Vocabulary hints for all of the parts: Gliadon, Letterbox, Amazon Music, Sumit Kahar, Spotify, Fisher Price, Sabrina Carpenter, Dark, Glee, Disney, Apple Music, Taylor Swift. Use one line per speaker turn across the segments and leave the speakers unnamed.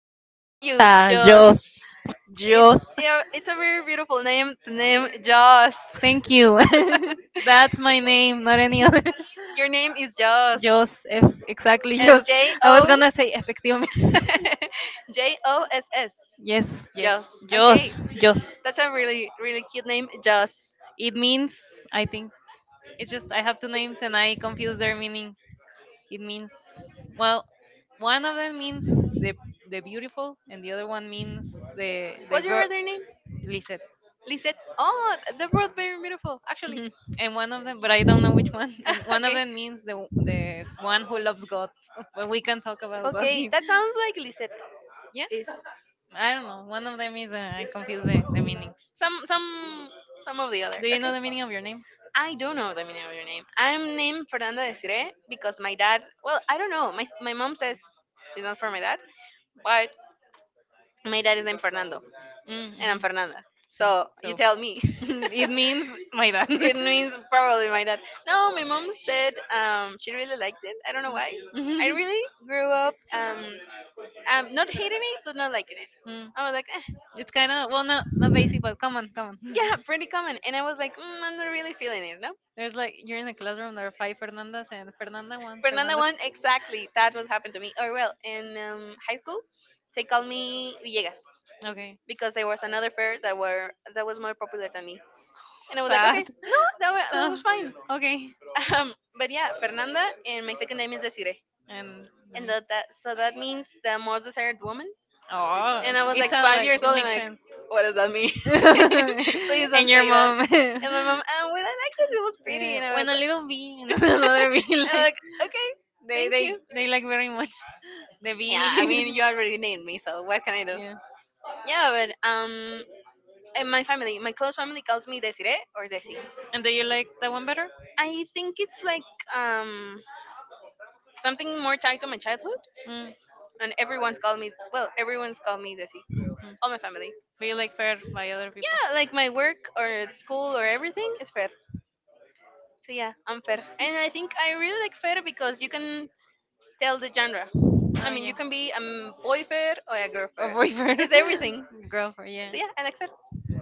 Nice
not
to meet you,
Josa.
Joss.
Jos.
It's
Jos.
yeah, it's a very beautiful name. The name Joss.
Thank you. That's my name, not any other.
Your name is Joss.
Jos. F. Exactly,
And
Jos.
J
I was
O
gonna say efectivamente.
Joss.
Yes, yes.
Joss. Okay.
Jos. Jos.
That's a really, really cute name, Joss.
It means, I think. It's just I have two names and I confuse their meanings. It means, well, one of them means the beautiful and the other one means the
What's your
girl.
other name?
Lisette.
Lisette. Oh, they're very beautiful, actually.
Mhm. And one of them, but I don't know which one. And one of
Okay.
them means the one who loves God. But we can talk about God
Okay,
here.
that sounds like Lisette
Yeah,
is
I don't know. One of them is I confuse the meanings.
some some some of the other.
Do you
Okay.
know the meaning of your name?
I don't know the meaning of your name. I'm named Fernanda Desiree because my dad. Well, I don't know. My mom says it's not for my dad, but my dad is named Fernando,
Mm,
and I'm
mhm.
Fernanda. So you
So
tell me.
it means my dad.
It means probably my dad. No, my mom said she really liked it. I don't know why. I
Mhm.
really grew up not hating it, but not liking it.
Mm.
I was like, eh,
It's kind of well, not basic, but come on, come on.
yeah, pretty common. And I was like, I'm not really feeling it, no?
There's like you're in a classroom. There are five Fernandas, and Fernanda one,
Fernanda
Fernanda two.
one, exactly. That what happened to me. Or well, in high school, they called me Villegas
Okay,
because there was another fair that was more popular than me. And I was like,
sad.
okay, no, that was
Oh,
fine.
okay.
But yeah, Fernanda, and my second name is Desiree.
And let
and
me.
that, that so that means the most desired woman.
Oh,
And I was
it like
like
sounds
five
like
years
it
old, and
makes
like,
like sense.
what does that mean? Please don't
And your
say that.
mom, eh,
And my mom, oh, well, I liked it. It was pretty, and I was
when a little bee and
and
another bee like
I'm
like
like, okay,
they
thank
they
you.
they like very much the yeah,
Yeah, I mean,
bee.
you already named me, so what can I do?
Yeah.
Yeah, but and my family, my close family calls me Desiree or Desi.
And do you like that one better?
I think it's like um something more tied to my childhood,
Mm.
and everyone's called me Desi.
Mm.
All my family.
Do you like fair by other people?
Yeah, like my work or school or everything is fair. So yeah, I'm fair. And I think I really like fair because you can tell the genre. I
Oh
mean,
yeah.
you
um
can be a boy fair or a girl
A
fair.
boyfriend,
It's everything.
girlfriend. Yeah.
So yeah, I
So
like fair.
yeah,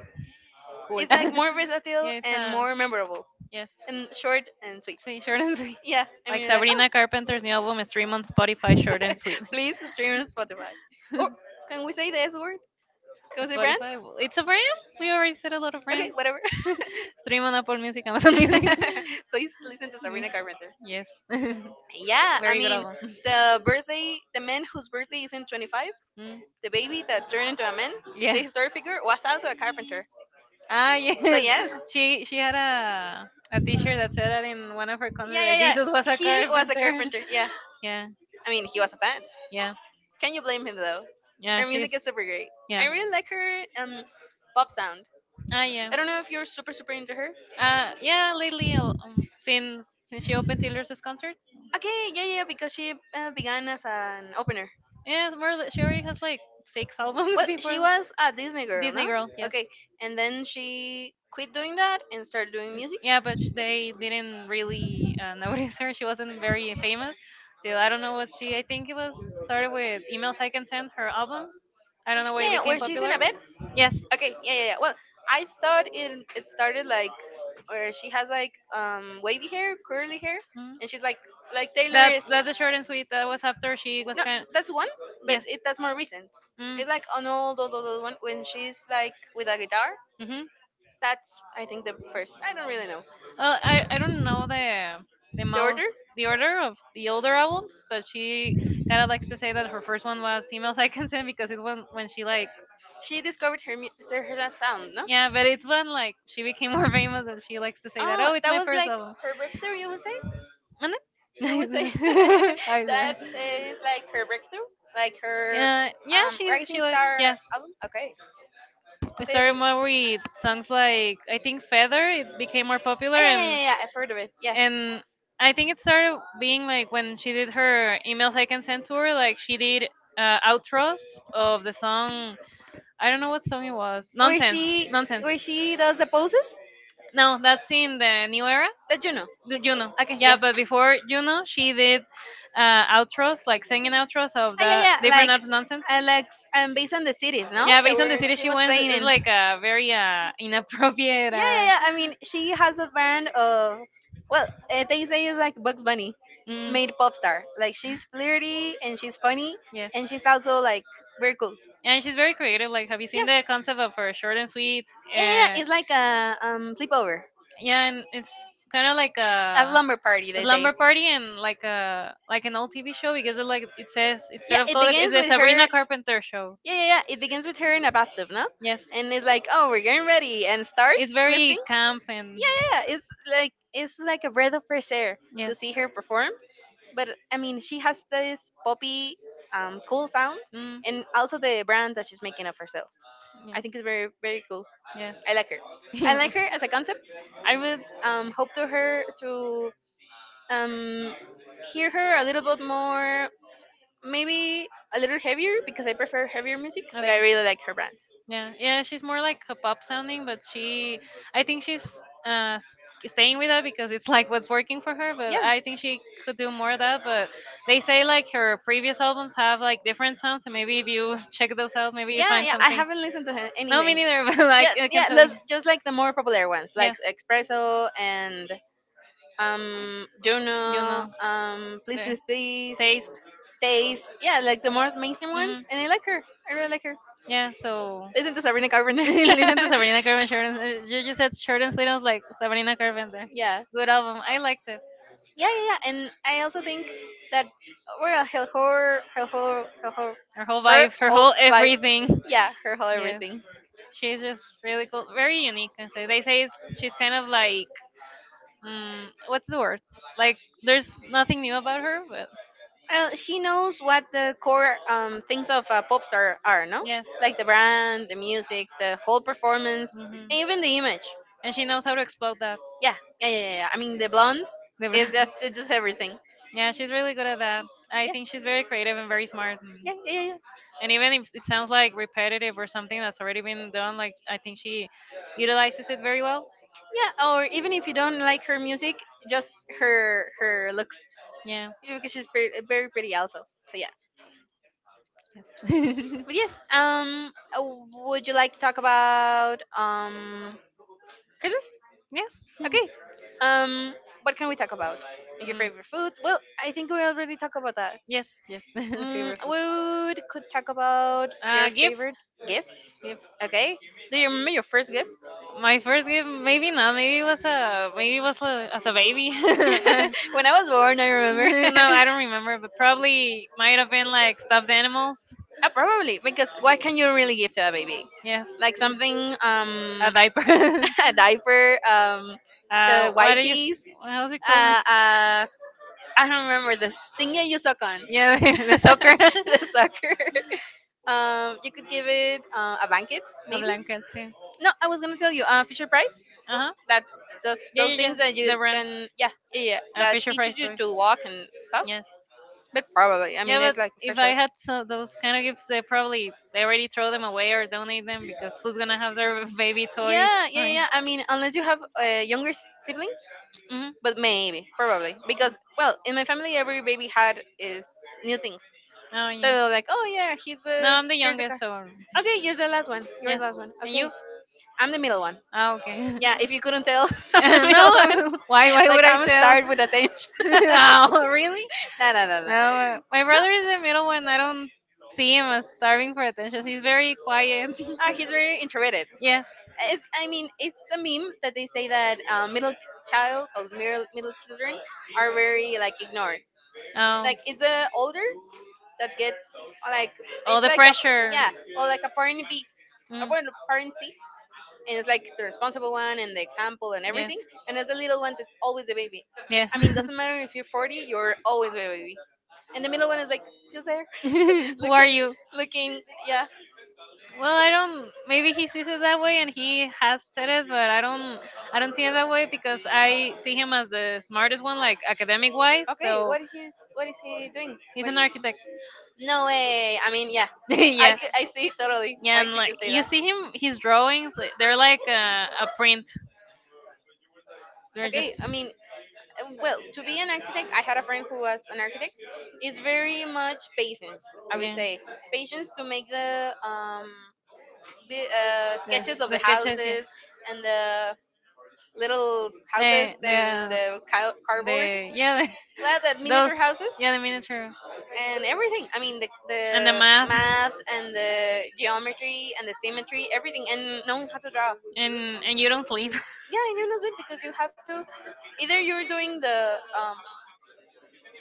cool.
It's like more
Yeah,
versatile
it's
and
a
more memorable
yes.
and short and sweet.
Sí, short and sweet.
Yeah, I
Like
mean like
Sabrina Carpenter's new album, stream on Spotify,
oh,
short and sweet.
please stream on Spotify. Or can we say the S word? Can we say brands?
Spotify, it's a brand. We already said a lot of
Okay,
brands.
whatever.
Stream on Apple Music, Amazon Music.
Please listen to
Mm,
Sabrina Carpenter.
yes,
Yeah, I
very good
mean,
album.
the birthday, the man whose birthday is in 25,
Mm,
the baby that turned into a man, the
yes.
historic figure, was also a carpenter.
Ah, yes.
So, yes.
She had a T-shirt that said that in one of her
Yeah,
concerts that
yeah,
Jesus was
yeah.
a
He was a
carpenter.
carpenter. Yeah.
Yeah,
I mean, he was a fan.
yeah,
Can you blame him, though?
yeah.
Her
She's
music is super great.
yeah.
I really like her pop sound.
Ah, yeah.
I
I
don't
don't know
know if
if
you're
you're
super,
super
super
super
into
into her.
her.
Yeah, lately, since she opened Taylor Swift's concert,
Okay, yeah, yeah, because she began as an opener.
yeah, more or less, she already has like six albums.
Well,
What? She before
she
was
was a
a
Disney
Disney Girl.
girl,
Disney
no?
no? Girl. Yes.
Okay,
Okay.
and then she quit doing that and started
N-
doing
Music?
music.
Yeah,
Yeah,
but they didn't really notice her. She wasn't very famous. So I don't know what she. I think it was started with Emails I Can Send, her album. I don't know why it, ah,
yeah,
became
where
when she's in
she's in
popular.
a
A
bed.
band? Yes.
Okay, yeah, yeah, yeah. Well, I thought it started like where she has like wavy hair, curly hair,
Mhm.
and she's like
Like
like
Taylor.
Taylor
That's is,
is.
that's the short and sweet. That was after she was no,
No,
kind. That's
that's
one.
one,
Like,
but
yes, it.
it that's more recent.
Mm.
It's
It's
like
like
an
an
old,
old,
old,
old,
old,
old
old
one
one
when
when
she's.
she's like with a guitar.
Hmm.
That's I think the first. I don't really know
I don't know the the
the order.
most the order of the older albums, but she kind of likes to say that her first one was Emails I Can Send because it's when she like,
She discovered her her sound, no?
yeah, but it's when like she became more famous and she likes to say that
Oh,
oh it's
that
my
was
first
like
album.
her breakthrough. You would say?
And
You would say
then, I
that
swear.
is like her breakthrough, like her
Yeah, yeah, she
Rising
like
Star
yes.
album. Okay,
It
okay,
started
okay.
more with songs like I think Feather. It became more
Ah,
popular,
yeah, yeah, yeah, yeah. I've heard of it. Yeah.
and I think it started being like when she did her Emails I Can Send to her, like she did outros of the song. I don't know what song it was.
Where
Nonsense,
she,
nonsense.
where she does the poses
No, that's in the new era.
that you know.
The Juno.
Okay,
Yeah,
yeah.
but before Juno, she did outros, like singing outros of
Ah, yeah,
the
yeah. Like,
different out nonsense.
I like, based on the cities, no?
Yeah,
That
based on the
were
city
she
she
was
went,
playing
it's
in.
like a very
Yeah,
inappropriate.
yeah, yeah. I mean, she has a band of, well, they say it's like Bugs Bunny
Mm,
made pop star. Like she's flirty and she's funny
yes.
and she's also like very cool.
And she's very creative. Like, have you seen
Yeah,
the concept of her short and sweet?
yeah, yeah, yeah.
And
It's like a sleepover.
yeah, and it's kind of like
A
a
slumber party, they say.
slumber party and like a like an old TV show because it like it says
Yeah,
instead of
it
Kodak, it's
begins
a
with her.
Sabrina Carpenter show.
Yeah, yeah, yeah. It begins with her in a bathtub, no?
Yes,
And it's like, oh, we're getting ready, and starts
it's
lifting.
very camp and
Yeah, yeah, yeah. It's like a breath of fresh air to
yes,
see her perform. But I mean, she has this poppy, cool sound,
mm,
and also the brand that she's making of herself.
yeah,
I think it's very, very cool.
yes.
I like her. I like her as a concept. I would hope to her to um, hear her a little bit more, maybe a little heavier because I prefer heavier music, but I
Okay.
really like her brand.
Yeah, yeah, she's more like a pop sounding, but she, I think she's staying with that because it's like what's working for her. But
Yeah,
I think she could do more of that. But they say like her previous albums have like different sounds, and maybe if you check those out, maybe you
yeah,
find
yeah.
some.
I haven't listened to her
No, me
anything.
neither. But like
Yeah,
I can
yeah.
tell.
Let's just like the more popular ones, like
Yes,
Espresso and
you
Juno,
know
Please
the
Please Please,
taste.
Taste. Yeah, like the more mainstream
Hmm.
ones, and I like her. I really like her.
Yeah, so
Listen to Sabrina Carpenter.
listen to Sabrina Carpenter. You just said Short and Sweet. I was like Sabrina Carpenter.
Yeah.
Good album. I liked it.
Yeah, yeah, yeah. And I also think that we're a hell horror, hell horror, hell horror,
Her whole
her
vibe, her
whole
whole
vibe.
everything.
Yeah, her whole
Yes,
everything.
she's just really cool, very unique. I say they say it's, she's kind of like, mm, what's the word? Like there's nothing new about her, but
She knows what the core things of a pop star are, no?
yes,
Like the brand, the music, the whole performance, and
hmm,
even the image.
and she knows how to explode that.
Yeah, yeah, yeah, yeah, yeah. I mean, the blonde is just it's just everything.
Yeah, she's really good at that. I think she's very creative and very smart.
Yeah, yeah, yeah, yeah.
And even if it sounds like repetitive or something that's already been done, like I think she utilizes it very well.
Yeah, or even if you don't like her music, just her looks.
Yeah.
Yeah, because she's pretty, very pretty also. So yeah.
Yes.
But yes, would you like to talk about Christmas?
Yes.
Okay. Um, what can we talk about? Your
Mm.
favorite foods? Well, I think we already talked about that.
Yes. Yes.
Mm,
Favorite
we would- could talk about your
Uh, gifts,
favorite gifts.
gifts.
Okay. Do you remember your first gift?
My first gift, maybe not. Maybe it was a, maybe it was a, as a baby. No, I
When I was born, I remember.
don't remember, but probably might have been like stuffed animals.
Probably because what can you really give to a baby?
Yes,
Like something
a diaper.
a diaper, the
What do
wipes.
you? How's it called?
Uh, uh, I don't remember the thing that you suck on.
Yeah, the soccer.
The sucker. You could give it a blanket,
A
maybe.
blanket too.
No, I was gonna tell you, Fisher Price.
Uh
That
huh.
the,
Yeah,
those
yeah,
things
yes.
that you
The brand.
can, yeah, yeah, yeah,
A
that
Fisher Price
teaches you
toy.
to walk and stuff.
Yes.
But probably, I mean,
Yeah,
it's
but
like,
if I had so those kind of gifts, they probably they already throw them away or donate them because who's
yeah,
gonna have their baby toys?
yeah,
I
yeah,
mean,
yeah. I mean, unless you have younger siblings,
hmm.
but maybe, probably, because well, in my family, every baby had is new things.
Oh
So
yeah.
they're like, oh yeah, he's
No,
the
I'm the
here's the
youngest,
car.
so
Okay, you're the last one. You're the
yes.
last one.
And
Okay,
you?
I'm the middle one.
Oh, okay.
Yeah, if you couldn't tell, I'm the middle
No,
one.
I'm. Why? Why
Like
would I
I'm
tell?
starved with attention.
Oh, really?
No, no, no, no.
No,
No,
my brother is the middle one. I don't see him as starving for attention. He's very quiet.
he's very introverted.
Yes.
I mean, it's the meme that they say that middle child or middle children are very like ignored.
Oh,
Like it's the older that gets, like,
all
it's
the
like a,
pressure.
yeah, well, like a uh,
Mm.
well, parency, and it's like the responsible one and the example and
Yes.
everything, and as the little one that's always the baby.
Yes.
I mean, doesn't matter if you're 40, you're always the baby. And the middle one is like just there,
Who are
looking
you?
looking yeah.
Well, I don't. Maybe he sees it that way, and he has said it, but I don't. I don't see it that way because I see him as the smartest one, like academic-wise.
Okay,
So
what is he doing?
he's
what is
an architect.
no way. I mean, yeah. i
Yeah,
could i see it totally.
yeah,
Why
and
could you
like
say
you
that?
see him, his drawings, like,
They're
they're
like
like a print.
a
They're
friend. Okay,
just
I mean, well, to be an architect, I had a friend who was an architect. It's very much patience, I would
yeah.
say, patience to make the sketches of
The
the
sketches, yeah.
houses and the little houses
The the
and the cardboard,
The yeah,
like that
the, those
miniature houses
yeah, the miniature
and everything. I mean, the
and the math,
math and the geometry and the symmetry, everything, and knowing how to draw.
and you don't sleep.
Yeah, in honestly, because you have to either you're doing the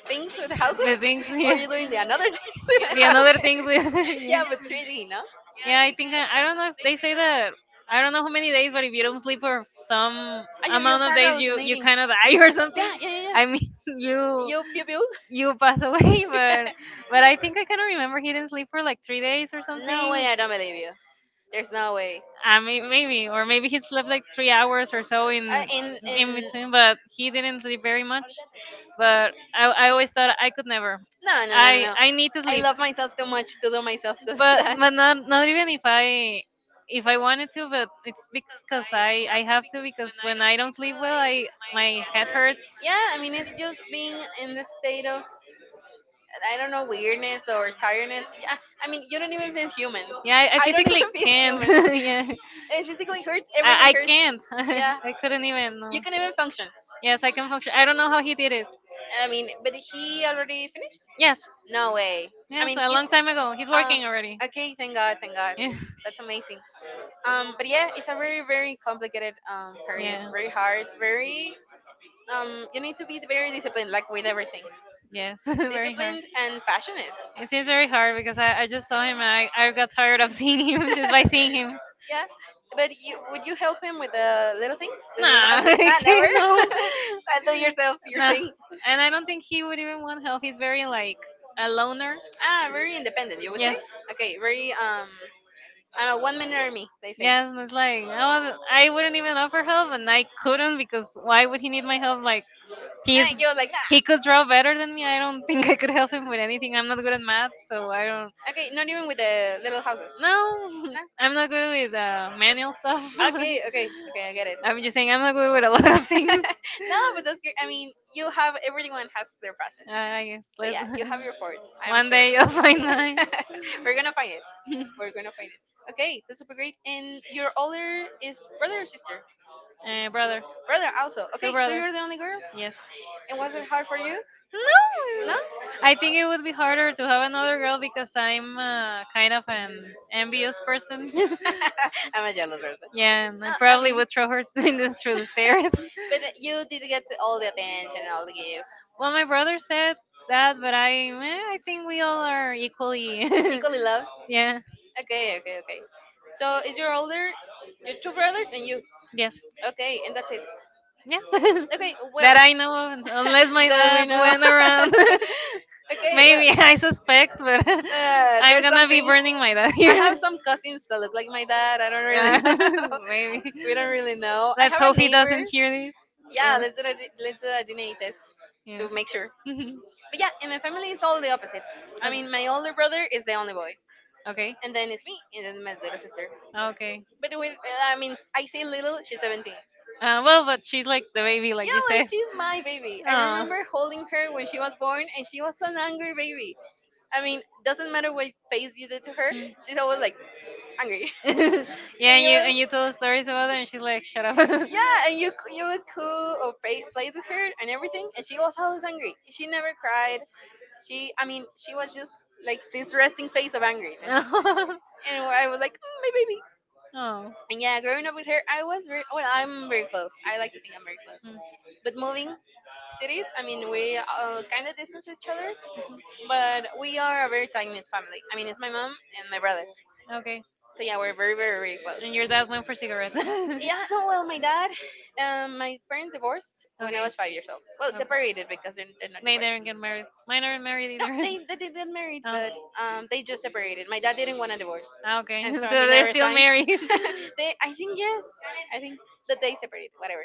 things with the
The
houses
things, yeah.
or you're doing the another thing with
The
the
another things,
houses.
yeah.
Yeah, but 3D no.
Yeah, I think I don't know if they say that. I don't know how many days, but if you don't sleep for some
Ah, you
amount of
start
days, you
hallucinating,
kind of die or something.
yeah, yeah, yeah,
I
yeah.
mean, you
You pew pew.
you pass away, but I think I kind of remember he didn't sleep for like 3 days or
No
something.
way, I don't believe you. There's no way
I mean, maybe, or maybe he slept like 3 hours or so in in
in
between, but he didn't sleep very much. But I always thought I could never.
no, no, no,
I
no, no.
I need to
I
sleep,
love myself too much to do myself to
but
that.
not even if I wanted to, but it's because I have to because when I don't sleep well, I, my head hurts.
Yeah, I mean, it's just being in the state of, I don't know, weirdness or tiredness. Yeah, I mean, you don't even feel human.
Yeah, I
Don't
physically
even feel
can't.
human.
Yeah,
It physically hurts, everything
I
hurts.
can't.
Yeah,
I couldn't even. No.
you can even function.
Yes, I can function. I don't know how he did it.
I mean, but he already finished?
Yes,
No way. I
yes,
mean,
a
he's.
long time ago. He's
Uh,
working already.
okay, thank God, thank God.
Yeah.
That's amazing. But yeah, it's a very, very complicated career.
Yeah.
Very hard. Very. You need to be very disciplined, like with everything.
Yes, very hard.
Disciplined and passionate.
It is very hard because I just saw him and I got tired of seeing him just by seeing him.
Yeah, but you would you help him with the little things, the little
Nah,
housework?
I
Nah, never.
can't, no.
I do yourself your
Nah.
thing.
And I don't think he would even want help. He's very, like, a loner.
Ah, very independent. You would say?
Yes.
Okay, very I don't know, one minute army. They say. Nah,
Yes, and it's like I was I wouldn't even offer help, and I couldn't because why would he need my help? Like He's
you was like
he
nah.
could draw better than me. I don't think I could help him with anything. I'm not good at math, so I don't.
Okay, not even with the little houses.
No,
Nah.
I'm not good with manual stuff.
Okay, okay, okay, I get it.
I'm just saying I'm not good with a lot of things.
No, but that's great. I mean, you have everyone has their passion.
I guess
So
let
yeah, you have your fort. I am
one
sure.
day you'll find mine.
We're gonna find it. We're gonna find it. Okay, that's super great. And your older is brother or sister?
Brother,
Brother also.
two
Okay, so
brothers.
you're the only girl.
Yes.
And was it hard for you?
No,
No.
I think it would be harder to have another girl because I'm kind of an envious person.
I'm a jealous person.
Yeah, and
No,
I
I
probably
mean.
would throw her in the, through the stairs.
But you did get all the attention, and all the
Well, my brother said that, but I think we all are
gifts.
equally.
Equally loved.
Yeah.
Okay, okay, okay. So is your older, your two brothers and you?
Yes.
Okay, and that's it.
Yes.
Okay, well.
That I know of, unless my
That we
dad
know.
went around.
Okay,
Maybe
well,
I suspect, but
uh,
I'm
there's do some
gonna be
things.
burning my dad
I
here.
have some cousins that look like my dad. I don't really
Yeah,
know.
maybe.
We don't really know. I
Let's
have a
hope he
neighbor.
doesn't hear this.
Yeah,
Or,
let's do a DNA test
yeah.
to make sure.
Mhm.
But yeah, in my family, it's all the opposite. I
O-
mean, my older brother is the only boy,
okay.
and then it's me, and then my little sister.
Okay.
But with, I mean, I say little. She's 17.
Well, but she's like the baby, like
Yeah,
you
well,
said.
she's my baby. I
Oh.
remember holding her when she was born, and she was an angry baby. I mean, doesn't matter what face you did to her,
Mm.
she's always like angry.
Yeah,
And you will,
and you told stories about her, and she's like, "Shut up."
yeah, and you would coo or play with her and everything, and she was always angry. She never cried. She, I mean, she was just like this resting face of angriness. And I was like, "Mm, my baby."
Oh. Mm.
And yeah, growing up with her, I was very well. I'm very close. I like to think I'm very close. But moving cities. I mean, we kind of distance each other, but we are a very tight knit family. I mean, it's my mom and my brother.
Okay.
So yeah, we're very, very, very close.
And your dad went for cigarette.
Yeah, no, well, my dad, my parents divorced when I
Okay.
was 5 years old. Well,
Okay.
separated because they're not
They
divorced.
didn't get married. Mine aren't married
No,
either.
they, they did get married,
Oh,
but they just separated. My dad didn't want a divorce,
okay.
and so he
So
never
still
signed.
married.
They, I think yes, I think that they separated. Whatever.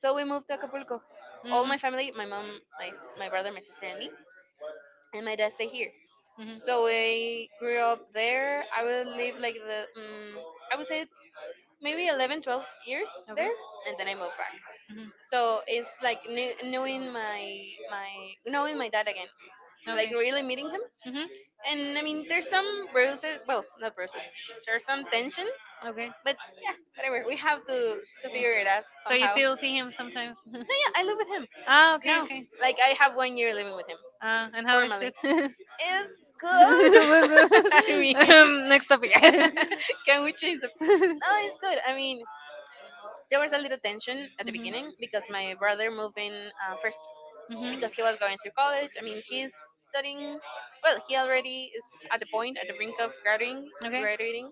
So we moved to Acapulco. All my family, my mom,
Mhm.
my brother, my sister, and me, and my dad stay here.
Mhm.
So I grew up there. I would live like the, I would say maybe 11, 12 years there,
Okay.
and then I moved back.
Mhm.
So it's like knowing my knowing my dad again,
Like,
like
okay.
really meeting him.
Mhm.
And I mean, there's some bruises. Well, not bruises. There's some tension
Okay.
but yeah, whatever. We have to
Mm.
figure it out
So you
somehow.
still see him sometimes?
No, yeah, I live with him.
Okay,
No,
okay.
like I have 1 year living with him. Um,
Ah. And
and
how is no.
formally.
it?
It's
What's
good. I mean,
the- Next topic.
can we change the? No, it's good. I mean, there was a little tension at the
Mhm.
beginning because my brother moved in first
Mhm.
because he was going through college. I mean, he's studying. Well, he already is at the point at the brink of graduating,
Okay.
graduating,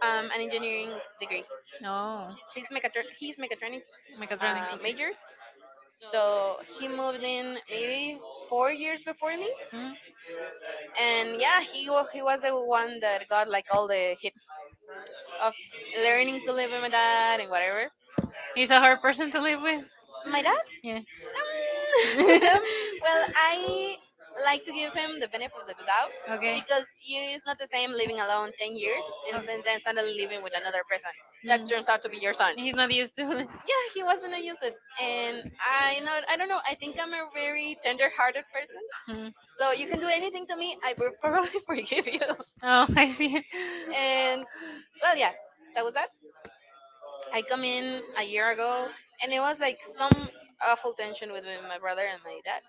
an engineering degree.
Oh.
She's he's mechatronic
Mechatronic. Okay.
major, so he moved in maybe 4 years before me,
Hmm.
and yeah, he was the one that got like all the hit of learning to live with my dad and whatever.
He's a hard person to live with.
My dad,
Yeah.
well, I like to give him the benefit of the doubt
Okay.
because it's not the same living alone 10 years and
Oh.
then suddenly living with another person
Hmm.
that turns out to be your son.
He's not used to it.
Yeah, he was gonna use it, and I know I don't know, I think I'm a very tender-hearted person,
Hmm.
so you can do anything to me, I will probably forgive you.
Oh, I see.
And well, yeah, that was that. I come in a year ago, and it was like some awful tension with me, my brother and my dad.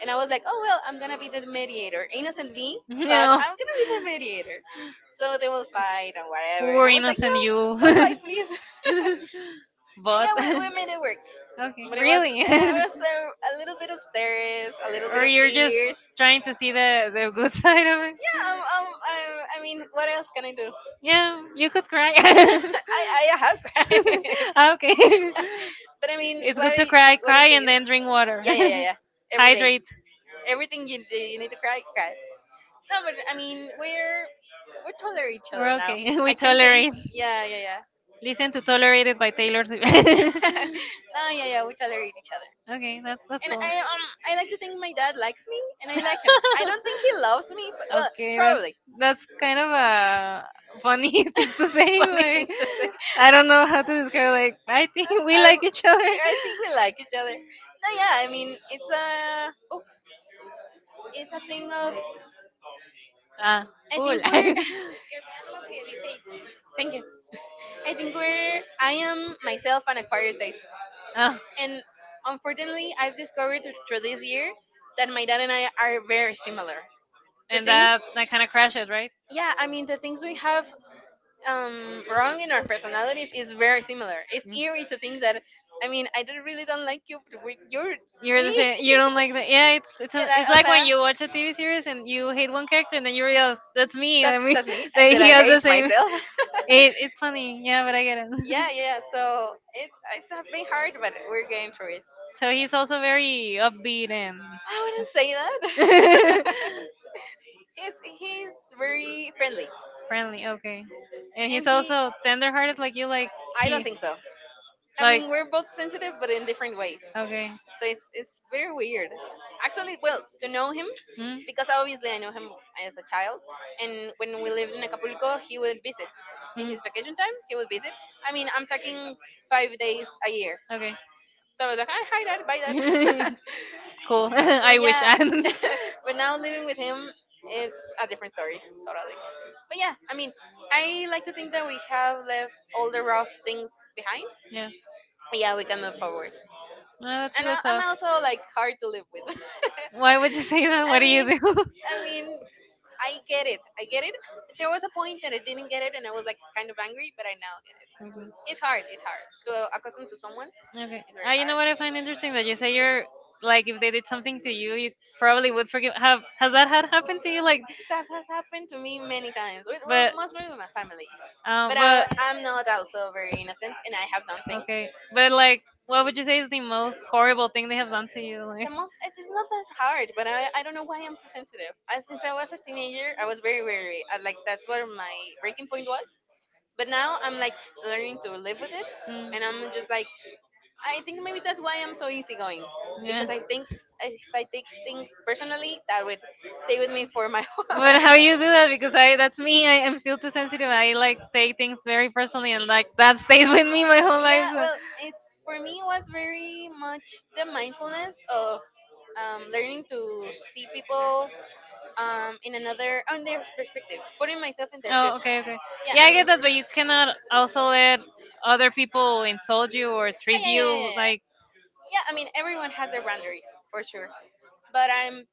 And I was like, oh well, I'm gonna be the mediator, innocent me thought
No.
I'm gonna be the mediator, so they will fight and whatever, and
Poor
I was like
innocent
no,
you.
don't fight please. And
But,
yeah, we
okay,
made it work. But it
really?
was a little bit of stairs, a little bit
Or
of
you're just
tears.
trying to see the good side of it?
Yeah, I mean, what else can I do?
Yeah, you could cry.
I have cried,
Okay.
but I mean,
It's
what
good
are
to
you,
cry,
what is.
cry and then drink water.
Yeah, yeah, yeah, yeah. Every day,
Hydrate.
everything you do, you need to cry, cry. No, but I mean, we tolerate each other
We're
now.
okay. We
I can't.
tolerate.
Yeah, yeah, yeah.
Listen to Tolerated by Taylor Swift.
No, yeah, yeah, we tolerate each other.
Okay, that's
And
cool.
I like to think my dad likes me and I like him. I don't think he loves me, but well,
Okay, that's
probably.
that's kind of a funny thing to say.
Funny thing
Like,
to say.
I don't know how to describe. Like, I think we
I,
like each other.
I think we like each other. No, yeah, I mean, it's a, oh, it's a thing of,
Ah,
I
cool.
think we're, thank you. I think we're, I am myself an acquired taste.
ah,
And unfortunately, I've discovered through this year that my dad and I are very similar. The
and
things,
that that kind of crashes, right?
yeah, I mean, the things we have wrong in our personalities is very similar. It's
Mm.
eerie to think that I mean I don't really don't like you, but you're
You're the
me.
same. You
Can
don't like that. Yeah, it's it's
you
an, it's
know, o
like
sea,
when you watch a
when
TV series and you hate one character and then you realize that's me. I mean,
that's me.
that
Did
he
I
has the
hate
same.
myself?
It's funny. Yeah, but I get it.
Yeah, yeah. So it's have been hard, but we're getting through it.
it. So he's also very upbeat and
I wouldn't say that. He's very friendly,
friendly. Okay, and he's
and he
also tender-hearted like you. Like, I
I
don't, he so. I
don't
mean,
think so. I
like,
mean, we're both sensitive, but in different ways.
but okay.
So it's very weird actually well to know him
Hmm?
because obviously I know him as a child, and when we lived in Acapulco he would visit in
Mm.
his vacation time, he would visit. I mean I'm talking 5 days a year,
Okay.
so I was like hi, hi dad, bye dad.
Cool.
So I
I
would
wish
yeah
I
add.
hadn't. Like,
But now living with him, it's a different story totally. But yeah, I mean, I like to think that we have left all the rough things behind,
yeah.
yeah, we can move forward.
No, that's a
And
good
I'm
thought.
also like hard to live with.
Why would you say that? What
I
do
mean,
you do?
I mean, I get it. I get it. There was a point that I didn't get it, and I was like kind of angry, but I now get it. It's
Okay.
hard. It's hard to accustom to someone.
Okay.
It's very
You
hard.
know what I find interesting, that you say you're like, if they did something to you probably would forgive. Have has that had happened to you? Like,
That has happened to me many times. With,
but
well, mostly with my family. Oh,
um,
but I,
but
really? I'm not also very innocent, and I have done things.
okay, but like, what would you say is the most horrible thing they have done to you?
The
Like,
most it is not that hard, but I don't know why I'm so sensitive. I, since I was a teenager, I was very like that's where my breaking point was. But now I'm like learning to live with it,
Mm.
and I'm just like I think maybe that's why I'm so easygoing,
Yeah.
because I think if I take things personally, that would stay with me for my whole
But how
life.
you do that? Because I that's me. I am still too sensitive. I like take things very personally, and like that stays with me my whole
Yeah,
life. So.
well, it's for me it was very much the mindfulness of learning to see people in another, on their perspective, putting myself in their shoes.
Oh, okay, okay.
Yeah,
Yeah,
I
I
Yeah, mean,
get that, but you cannot also let other people insult you or
Ah,
treat
yeah, yeah, yeah,
you
yeah. Like.
like
Yeah, I mean, everyone has their boundaries for sure. But I'm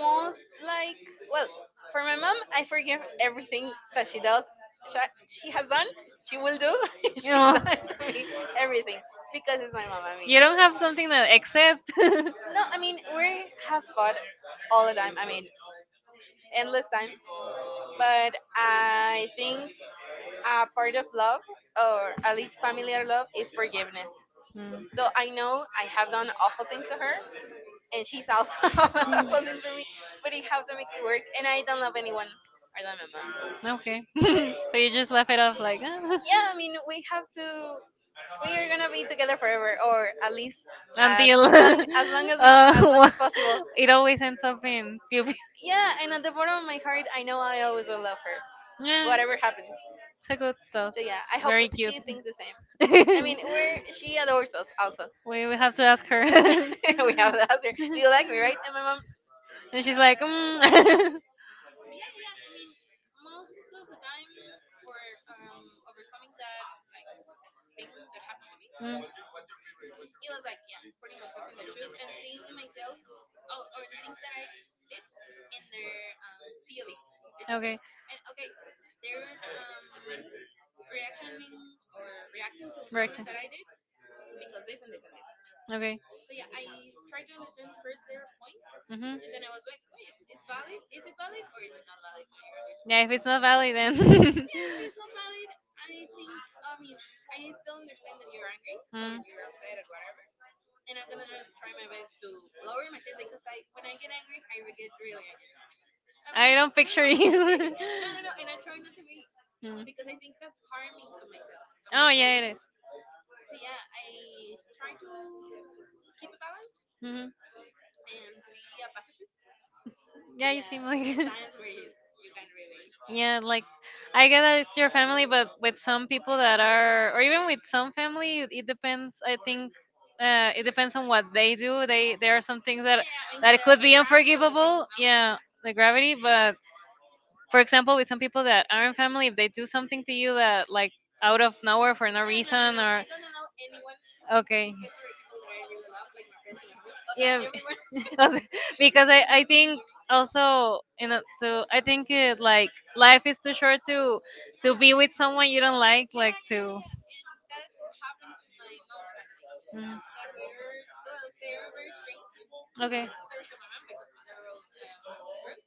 most like, well, for my mom, I forgive everything that she does. She, she has done, she will do, she's
you
Oh.
know.
done to me everything, because it's my mom. I mean,
You don't have something to accept.
no, I mean we have fought all the time. I mean, endless times. But I think a part of love, or at least familiar love, is forgiveness.
Mm.
So I know I have done awful things to her, and she's also awful things for me. But you have to make it work, and I don't love anyone more than my mom.
Okay. So you just left it off like "Ah,"
Yeah, I mean we have to. We are gonna be together forever, or at least as
until
as long as we
wha-
as possible.
it always ends up in pew pew.
Yeah, and at the bottom of my heart, I know I always will love her,
Yeah,
whatever happens.
it's a good thought.
So yeah, I hope
Very cute.
she thinks the same. I mean, we're she adores us also.
We have to ask her. and
We have the answer. Do you like me, right? And my mom,
she's like,
yeah.
mm.
But yeah, yeah, yeah. I mean, most of the time for overcoming that like thing that happened to me, it was like yeah, putting myself in their shoes and seeing myself or the things that I did in their POV basically.
Mm,
And okay, they're reactioning or reacting to something
Working.
that I did because this and this and this.
Okay.
So yeah, I tried to understand first their point,
Mm-hmm.
and then I was like, wait, is valid? Is it valid or is it not valid to your language?
Yeah, if it's not valid, then.
Yeah, if it's not valid, I think. I still understand that you're angry or
Mm.
you're upset or whatever, and I'm gonna try my best to lower my seat because when I get angry, I will get really angry. I'm like,
I don't
I don't
picture
know why.
you.
No, no, no, and I try not to be
Mm.
because I think that's harming to myself, to my
Oh,
soul.
yeah, it is.
So yeah, I try to keep a balance
Mm-hmm.
and to be a pacifist. But
Yeah, you
yeah,
seem like.
there's times where you can really.
Yeah, like I get that it's your family, but with some people that are, or even with some family, it depends. I think it depends on what they do. They There are some things that
Yeah, I mean,
it
the,
could
the
be
gravity of the things,
unforgivable.
no?
Yeah, the gravity. But for example, with some people that aren't family, if they do something to you that like out of nowhere for no
I no no
reason,
no. I
or
don't allow anyone
okay,
except for the people that I really love, like my friends and my family. O sea,
yeah.
everyone. To
Also,
do
because I
something
think,
to me.
also, you know, to I think it, like life is too short to
Yeah.
be with someone you don't like
Yeah, yeah, yeah, yeah,
to
yeah. And that happened to my mom's family.
mm.
Like they're very strange. Mm,
Okay.
the sisters of my mom because they're all girls.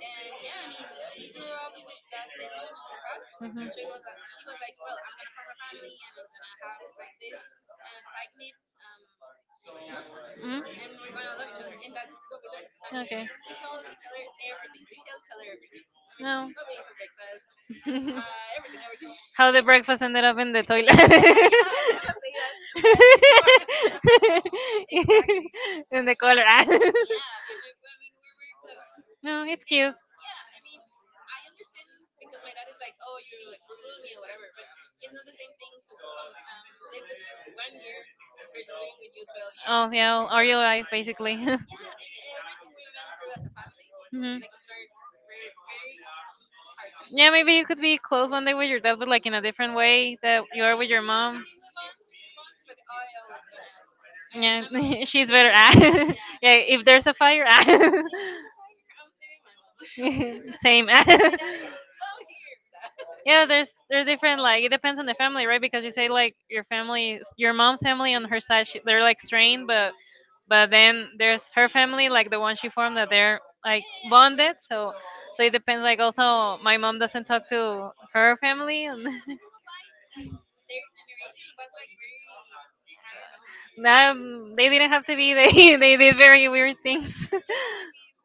And yeah, she grew up with that tension in her house. She was like, well, I'm gonna form a family and I'm gonna have like this tight knit um, group,
Mhm.
and we're gonna love each other.
Mhm.
And that's what we did.
Okay.
We told each other everything. We tell each other everything. I mean,
No.
what we ate for breakfast, everything.
How the breakfast ended up in the toilet.
Yeah, yeah, I was gonna say that, but I didn't want. Exactly.
In the color.
Yeah, and I mean, we're very close.
No, it's
And
cute.
yeah, I mean, I understand because my dad is like, oh, you exclude me or whatever, but it's not the same thing to come live with you 1 year versus living with you 12 years.
Oh, yeah, are you alive, basically?
Yeah, and everything we went through as a family,
Mhm.
like, it's very, very, very hard.
Yeah, maybe you could be close one day with
Yeah,
your dad, but like in a different way that you are with your
yeah. I
mom.
mean, we bond, but I always gonna, I'm always
Yeah,
gonna
she's
choose
better
my mom.
at.
Yeah.
Yeah, if there's a fire, ah.
If there's a fire, I'm saving my mom. And
Same. Ah.
my dad, hey, come here.
Yeah, there's different, like it depends on the family, right? Because you say like your family, your mom's family on her side, she, they're like strained, but
But
then there's her family, like the one
once
she
you found
formed,
that
that
they're
they're
like yeah,
like
yeah, yeah, and we're
bonded.
mothers, super
So
close.
so it
Yeah. They
depends. Like also, my mom doesn't talk to her family, and
yeah, I don't know why their generation was like very, mm, I don't know.
that they didn't have to be. They they
Do
did
these very
very
weird
weird
things.
things.
Yeah, I mean,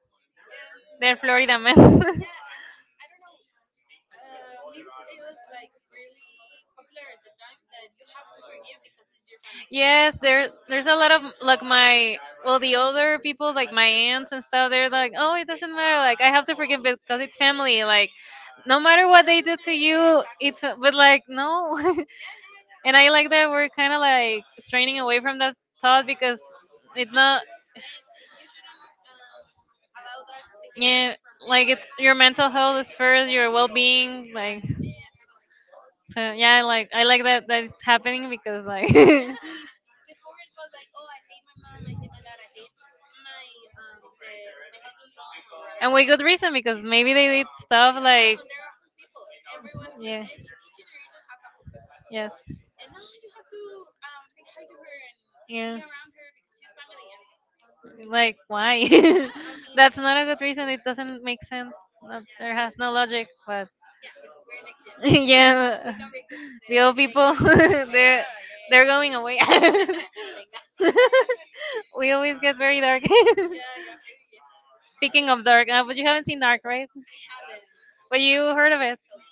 and
They're
they're Florida
Florida men.
men. Yeah, and I don't know. Maybe it was like really popular at the time that you have to forgive because it's your family. Yes,
Yes,
I there, mean,
there
you there's
there's
don't
a
a
lot
have lot
of,
the of option to
like,
stuff cut off.
my,
Like
well, the older people like my aunts and stuff, they're like, oh, it doesn't matter, like I have to forgive because it's family, like
no
no
matter yeah,
matter
it what
what
they do
they
doesn't to
do to
matter. You,
you,
yeah, exactly.
it's fa- but like, no.
Yeah, yeah, yeah, yeah.
And
And I
I like that we're kind of like
like strange.
straining away from that thought because it's
I mean,
not,
and you shouldn't allow that behavior
yeah,
from
like
anyone.
it's your mental health is first, your well being, like.
Yeah, yeah, yeah, yeah, totally.
So yeah, I like that it's happening because like.
Yeah, I mean, before it was like, oh, I hate my mom, I hate my dad, I hate my the my husband's mom or
And
whatever.
with good reason, because maybe they did stuff
Yeah,
like,
and they're awful people. Everyone and
yeah,
each generation has awful people.
yes,
And now you have to say hi to her and be
yeah,
around her because she's family. And okay,
like why.
yeah, I mean,
That's not a good reason, it doesn't make sense.
yeah.
There has no logic, but
Yeah, but we're next gen. We
yeah,
can break this
the
the
old
chain.
people they're
Yeah, yeah,
they're going away.
yeah. Yeah. Thank God.
We always get very dark.
Yeah, yeah, pretty yeah.
Speaking of dark, but you haven't seen Dark, right?
I haven't.
But
I
you
haven't.
heard of it.
You told me.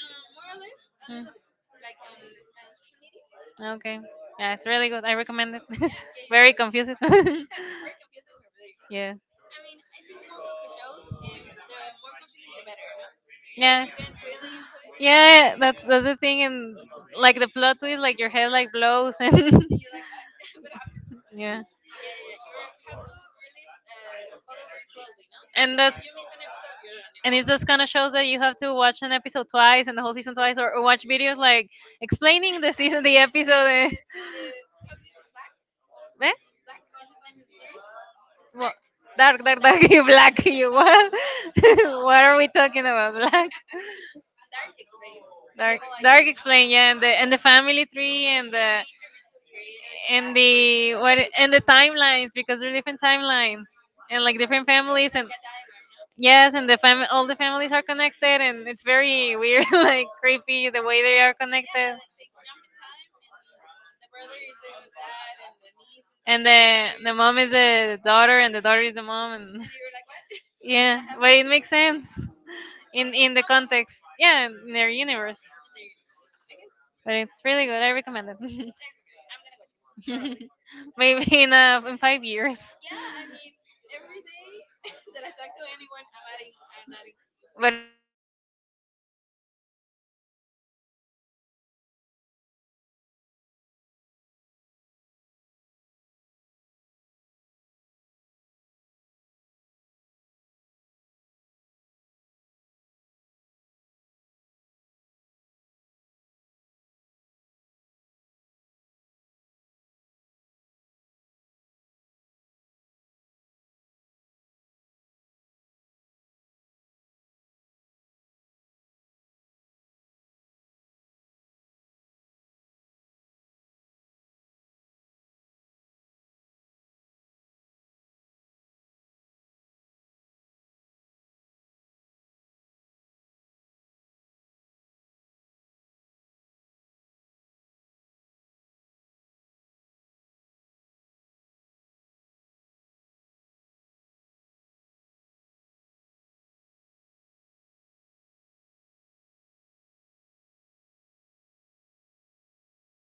More or less, a
Mm,
little bit, like on social media.
okay. Yeah, it's really good. I recommend it.
Yeah, yeah,
Very
yeah.
confusing.
Yeah. Very confusing, but really good.
Yeah.
I mean, I think most of the shows, if the more confusing, the better, no? Because
Yeah.
you get really into it.
Yeah, that's the thing, and like the plot twist, like your head like blows, and
And you're like, what? What happened?
yeah,
But yeah, yeah, yeah. You have to really follow very closely, no?
and
Because
that's
if you miss an episode, you don't even
and it's
know.
those kind of shows that you have to watch an episode twice and the whole season twice, or watch videos like explaining the
uh,
season, the episode. Eh?
uh, how do you say black?
Eh?
Black is his name in the series.
What?
Dark.
Dark, dark,
Dark
dark. You
explained,
black. You
and I was like,
what?
black? Mm, no,
What
dark.
are we talking about? Black,
Dark explained, and the
dark,
whole
dark.
iceberg, no?
Explain. Yeah, and the family tree and
And the
the
interviews with the creators and the
and
actors, and
the
what do
what
you think
and the
about it?
timelines because there are different timelines and like different
Okay,
families,
like
and
a diagram, no?
yes, and the fam all the families are connected and it's very weird, like creepy the way they are
Yeah,
connected
like they jump in time, and the brother is the dad, and the niece is
and
the
the
sister.
the mom is the daughter and the daughter is the mom and
And you were like, what? When did
yeah,
that
but
happen?
it makes sense in
It
the
somehow makes
context,
sense.
yeah, in their universe,
In their universe. Okay,
but it's really good, I recommend it.
I recommend it. I'm gonna watch it. Probably. I hope.
Maybe in 5 years,
Yeah, I mean, every day that I talk to anyone, I'm adding
but
things
in
to my
your
watchlist.
mind or do you actually
In my mind,
write
in
them,
my,
some
in the movies, in my letterbox,
okay,
and the series in my mind, in my powerful mind.
but do you actually remember or you get
More or less. I
okay,
mean, I
okay,
remember Glee. I remember Hot Dark.
okay,
I remember we talked about another animated series. I that actually I don't remember. I don't remember to today,
okay, okay,
so I'm gonna write them down.
the ones that you say are from today.
From today, I remember too.
Okay, no, but I don't actually. Well, Dark I did recommend, but Gliadon, if you want to watch it, like I was just like telling it to
Just
make
like the
time.
highlights, no?
Yes, but I won't say I recommend it because it's not for everyone, but I
Yeah,
I like
yeah.
it.
I mean, it's like an acquired taste.
Like,
You-
if you don't like it, it's not my responsibility.
I don't take it personally.
Yeah, like it's all your fault. You decided to watch
Yeah, yeah,
it.
yeah.
Don't
I
blame
just just
me.
only thought about it, but I
Mm,
don't really.
yeah.
Okay. Yeah, let's continue. We have to talk for another minute.
Yeah.
What did you have for lunch?
Well, for lunch, I had a, what's it called?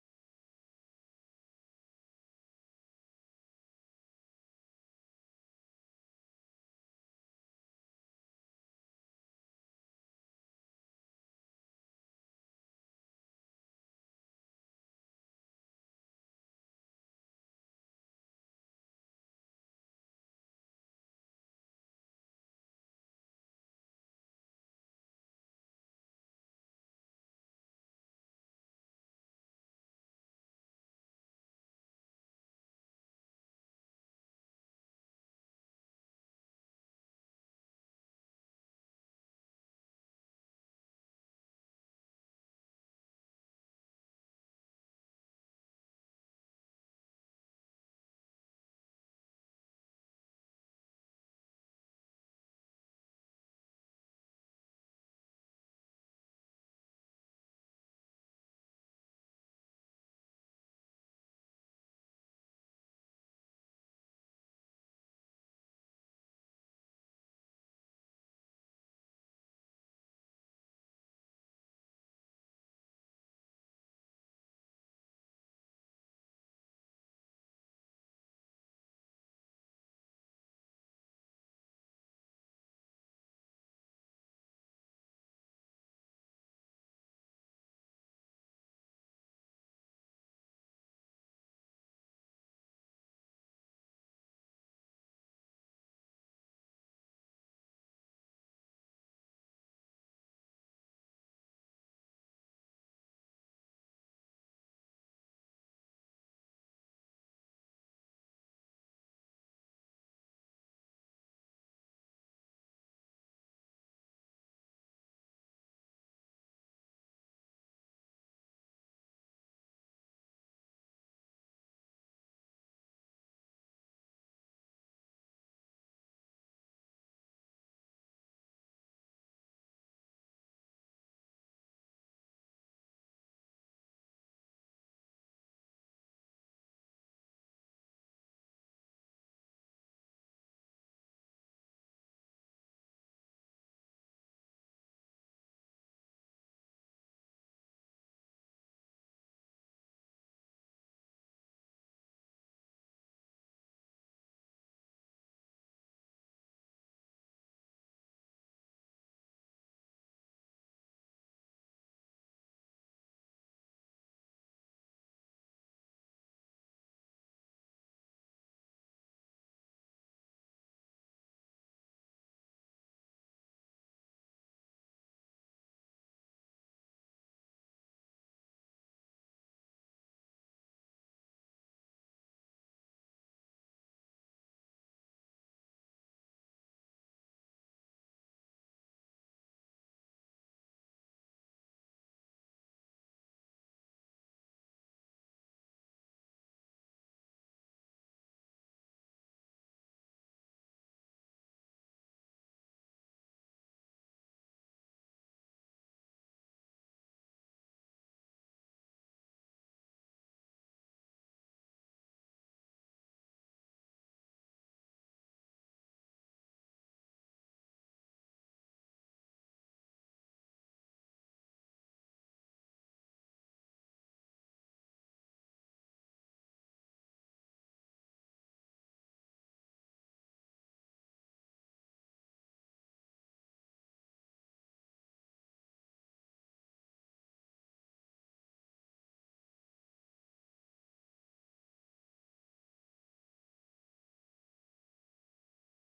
Like a sandwich?
Yeah, una torta.
Okay, very tasty. What was it? Like it.
Meat, pierna,
Oh, very Leg.
leg.
Delicious.
I
Very
don't think
leg,
it's called leg,
human
but
leg.
human leg, creeping
Very tender.
with cheese and lettuce and
Oh, very delicious. Okay, I had um eggs and bacon
bacon
with
and
little quesadillas.
quesadillas.
Yeah,
That one, it is called quesadillas.
yeah, and avocado
Okay.
and some hard ass cookies, hard ass cookies.
What did you say?
I didn't say anything.
Hard. Ah, okay, cool.
Some hard
You,
cookies, I
hard
meant.
cook- were they good?
They were very hard.
Hard.
Hard, hard, hard, hard to bite.
Uh, but
They were like dog food.
But they, have you traced that
I
food?
haven't. Have you?
No,
No. No.
no, no,
Have you ever?
no,
No,
no.
something happened in the um school with my brother.
Mm,
He told us he was in the because he had like a class of architecture
no.
in middle school
Mm.
and high school. So one day he says the classroom is empty and someone comes in with a bird and I don't know a cat food
Mm.
and he puts it in the bread and make a sandwich. And he was like, no, I'm gonna give it to my friend and whatever and whatever. Whatever. He puts it there. The friend comes in, grabs it, bites it, and mm, it's so tasty. What is it? I know it's chicken. Blah blah blah.
Oh,
And my brother was like,
how do
you don't
I
know.
how
Yeah,
do I tell
and then
him?
he the other friend that bite it swallows it and whatever he stays
Ew.
tasty, and the other pulls out the bag, and the other
Maybe it tastes like
immediately
tuna.
yeah immediately throws up.
Oh, gross.
Imagine you got fed cat food. I mean I don't know if you got sick
Mm, wait.
because it has things like for cats specifically, no?
Mm-hmm.
He said it was really tasty. So I don't know. I no,
No.
would never try it
I
again.
thought I remember the I didn't know it was like a TV show that they in an episode they made a prank and they gave a girl a sandwich of worms.
Oh, worms!
Yeah.
Worms! Active live worms? I
In the show they look like worms. I don't think the actors actually
yeah,
ate the worms, but yeah, actual live worms, and she bite it and looks ugh, cre-
oh, that's so gross. No, whatever that is, worms or creatures,
little creatures
bugs.
that,
I
yeah, that,
don't know. I
that move
reject.
around the floor
Yeah,
that
yeah,
have
like
no
squiggly things. No, thank you.
the insects, the bugs,
The insects. No.
and they eat a lot of
Ah,
bugs here. I don't like them.
yeah, yeah, yeah. Well, the chapulines.
Yes,
I haven't tried them.
no,
I'm
me neither. I don't. I'm not interested. Thank,
curious about them because
really.
they say they're very high in protein.
Mm.
Yeah, well, the chapulines and the arrieras. I don't know if you know them.
No, I don't think I've
Like
heard of
these
those
big ants.
ants. Okay,
Yeah, toasted and blended. Well, there
there are those ants that have like a huge behind.
yeah, yeah, yeah, yeah. Like a okay.
Okay.
Huge Yeah, yeah. Well, you toast them with the
Okay.
wings.
And but have you tried them or not?
Manda,
Have you tried them?
manda. Yeah, yeah.
And
When I lived in Guadalajara, no, here.
mm, in here,
I mean here.
don't say your
My
address. My address.
address is no with an aunt. She made sauce out of them,
Okay.
and they were super tasty. It tasted more like iron, like wow.
Wow.
Straight iron, but it was really good.
And you have the little feet on your teeth.
Like with a toothpick.
Yeah.
Yeah, but it was very tasty. I don't know why. And
Did you know there's also like they made salt with the with the box? Sí, yeah, salt.
no, no, no.
Yeah.
Dried,
What?
like dried or blended.
Blended. Like I don't know how, but
Supplement, no?
no salt. Like, well, salt for food. Like instead of regular sodium salt,
You toast them and they get salty, and you use them,
like you smash them and you mix up with that like there's little tubes, like it's just that my brother sells them like in a, it's a
that
liquor,
sounds super tasty.
like liquor store
Oh
kind of,
yeah,
like
yeah. Like
online,
the online. Um, I don't know if you know the alacrán
yeah, yeah,
in the tequila bottle.
yes,
We're gonna get.
okay.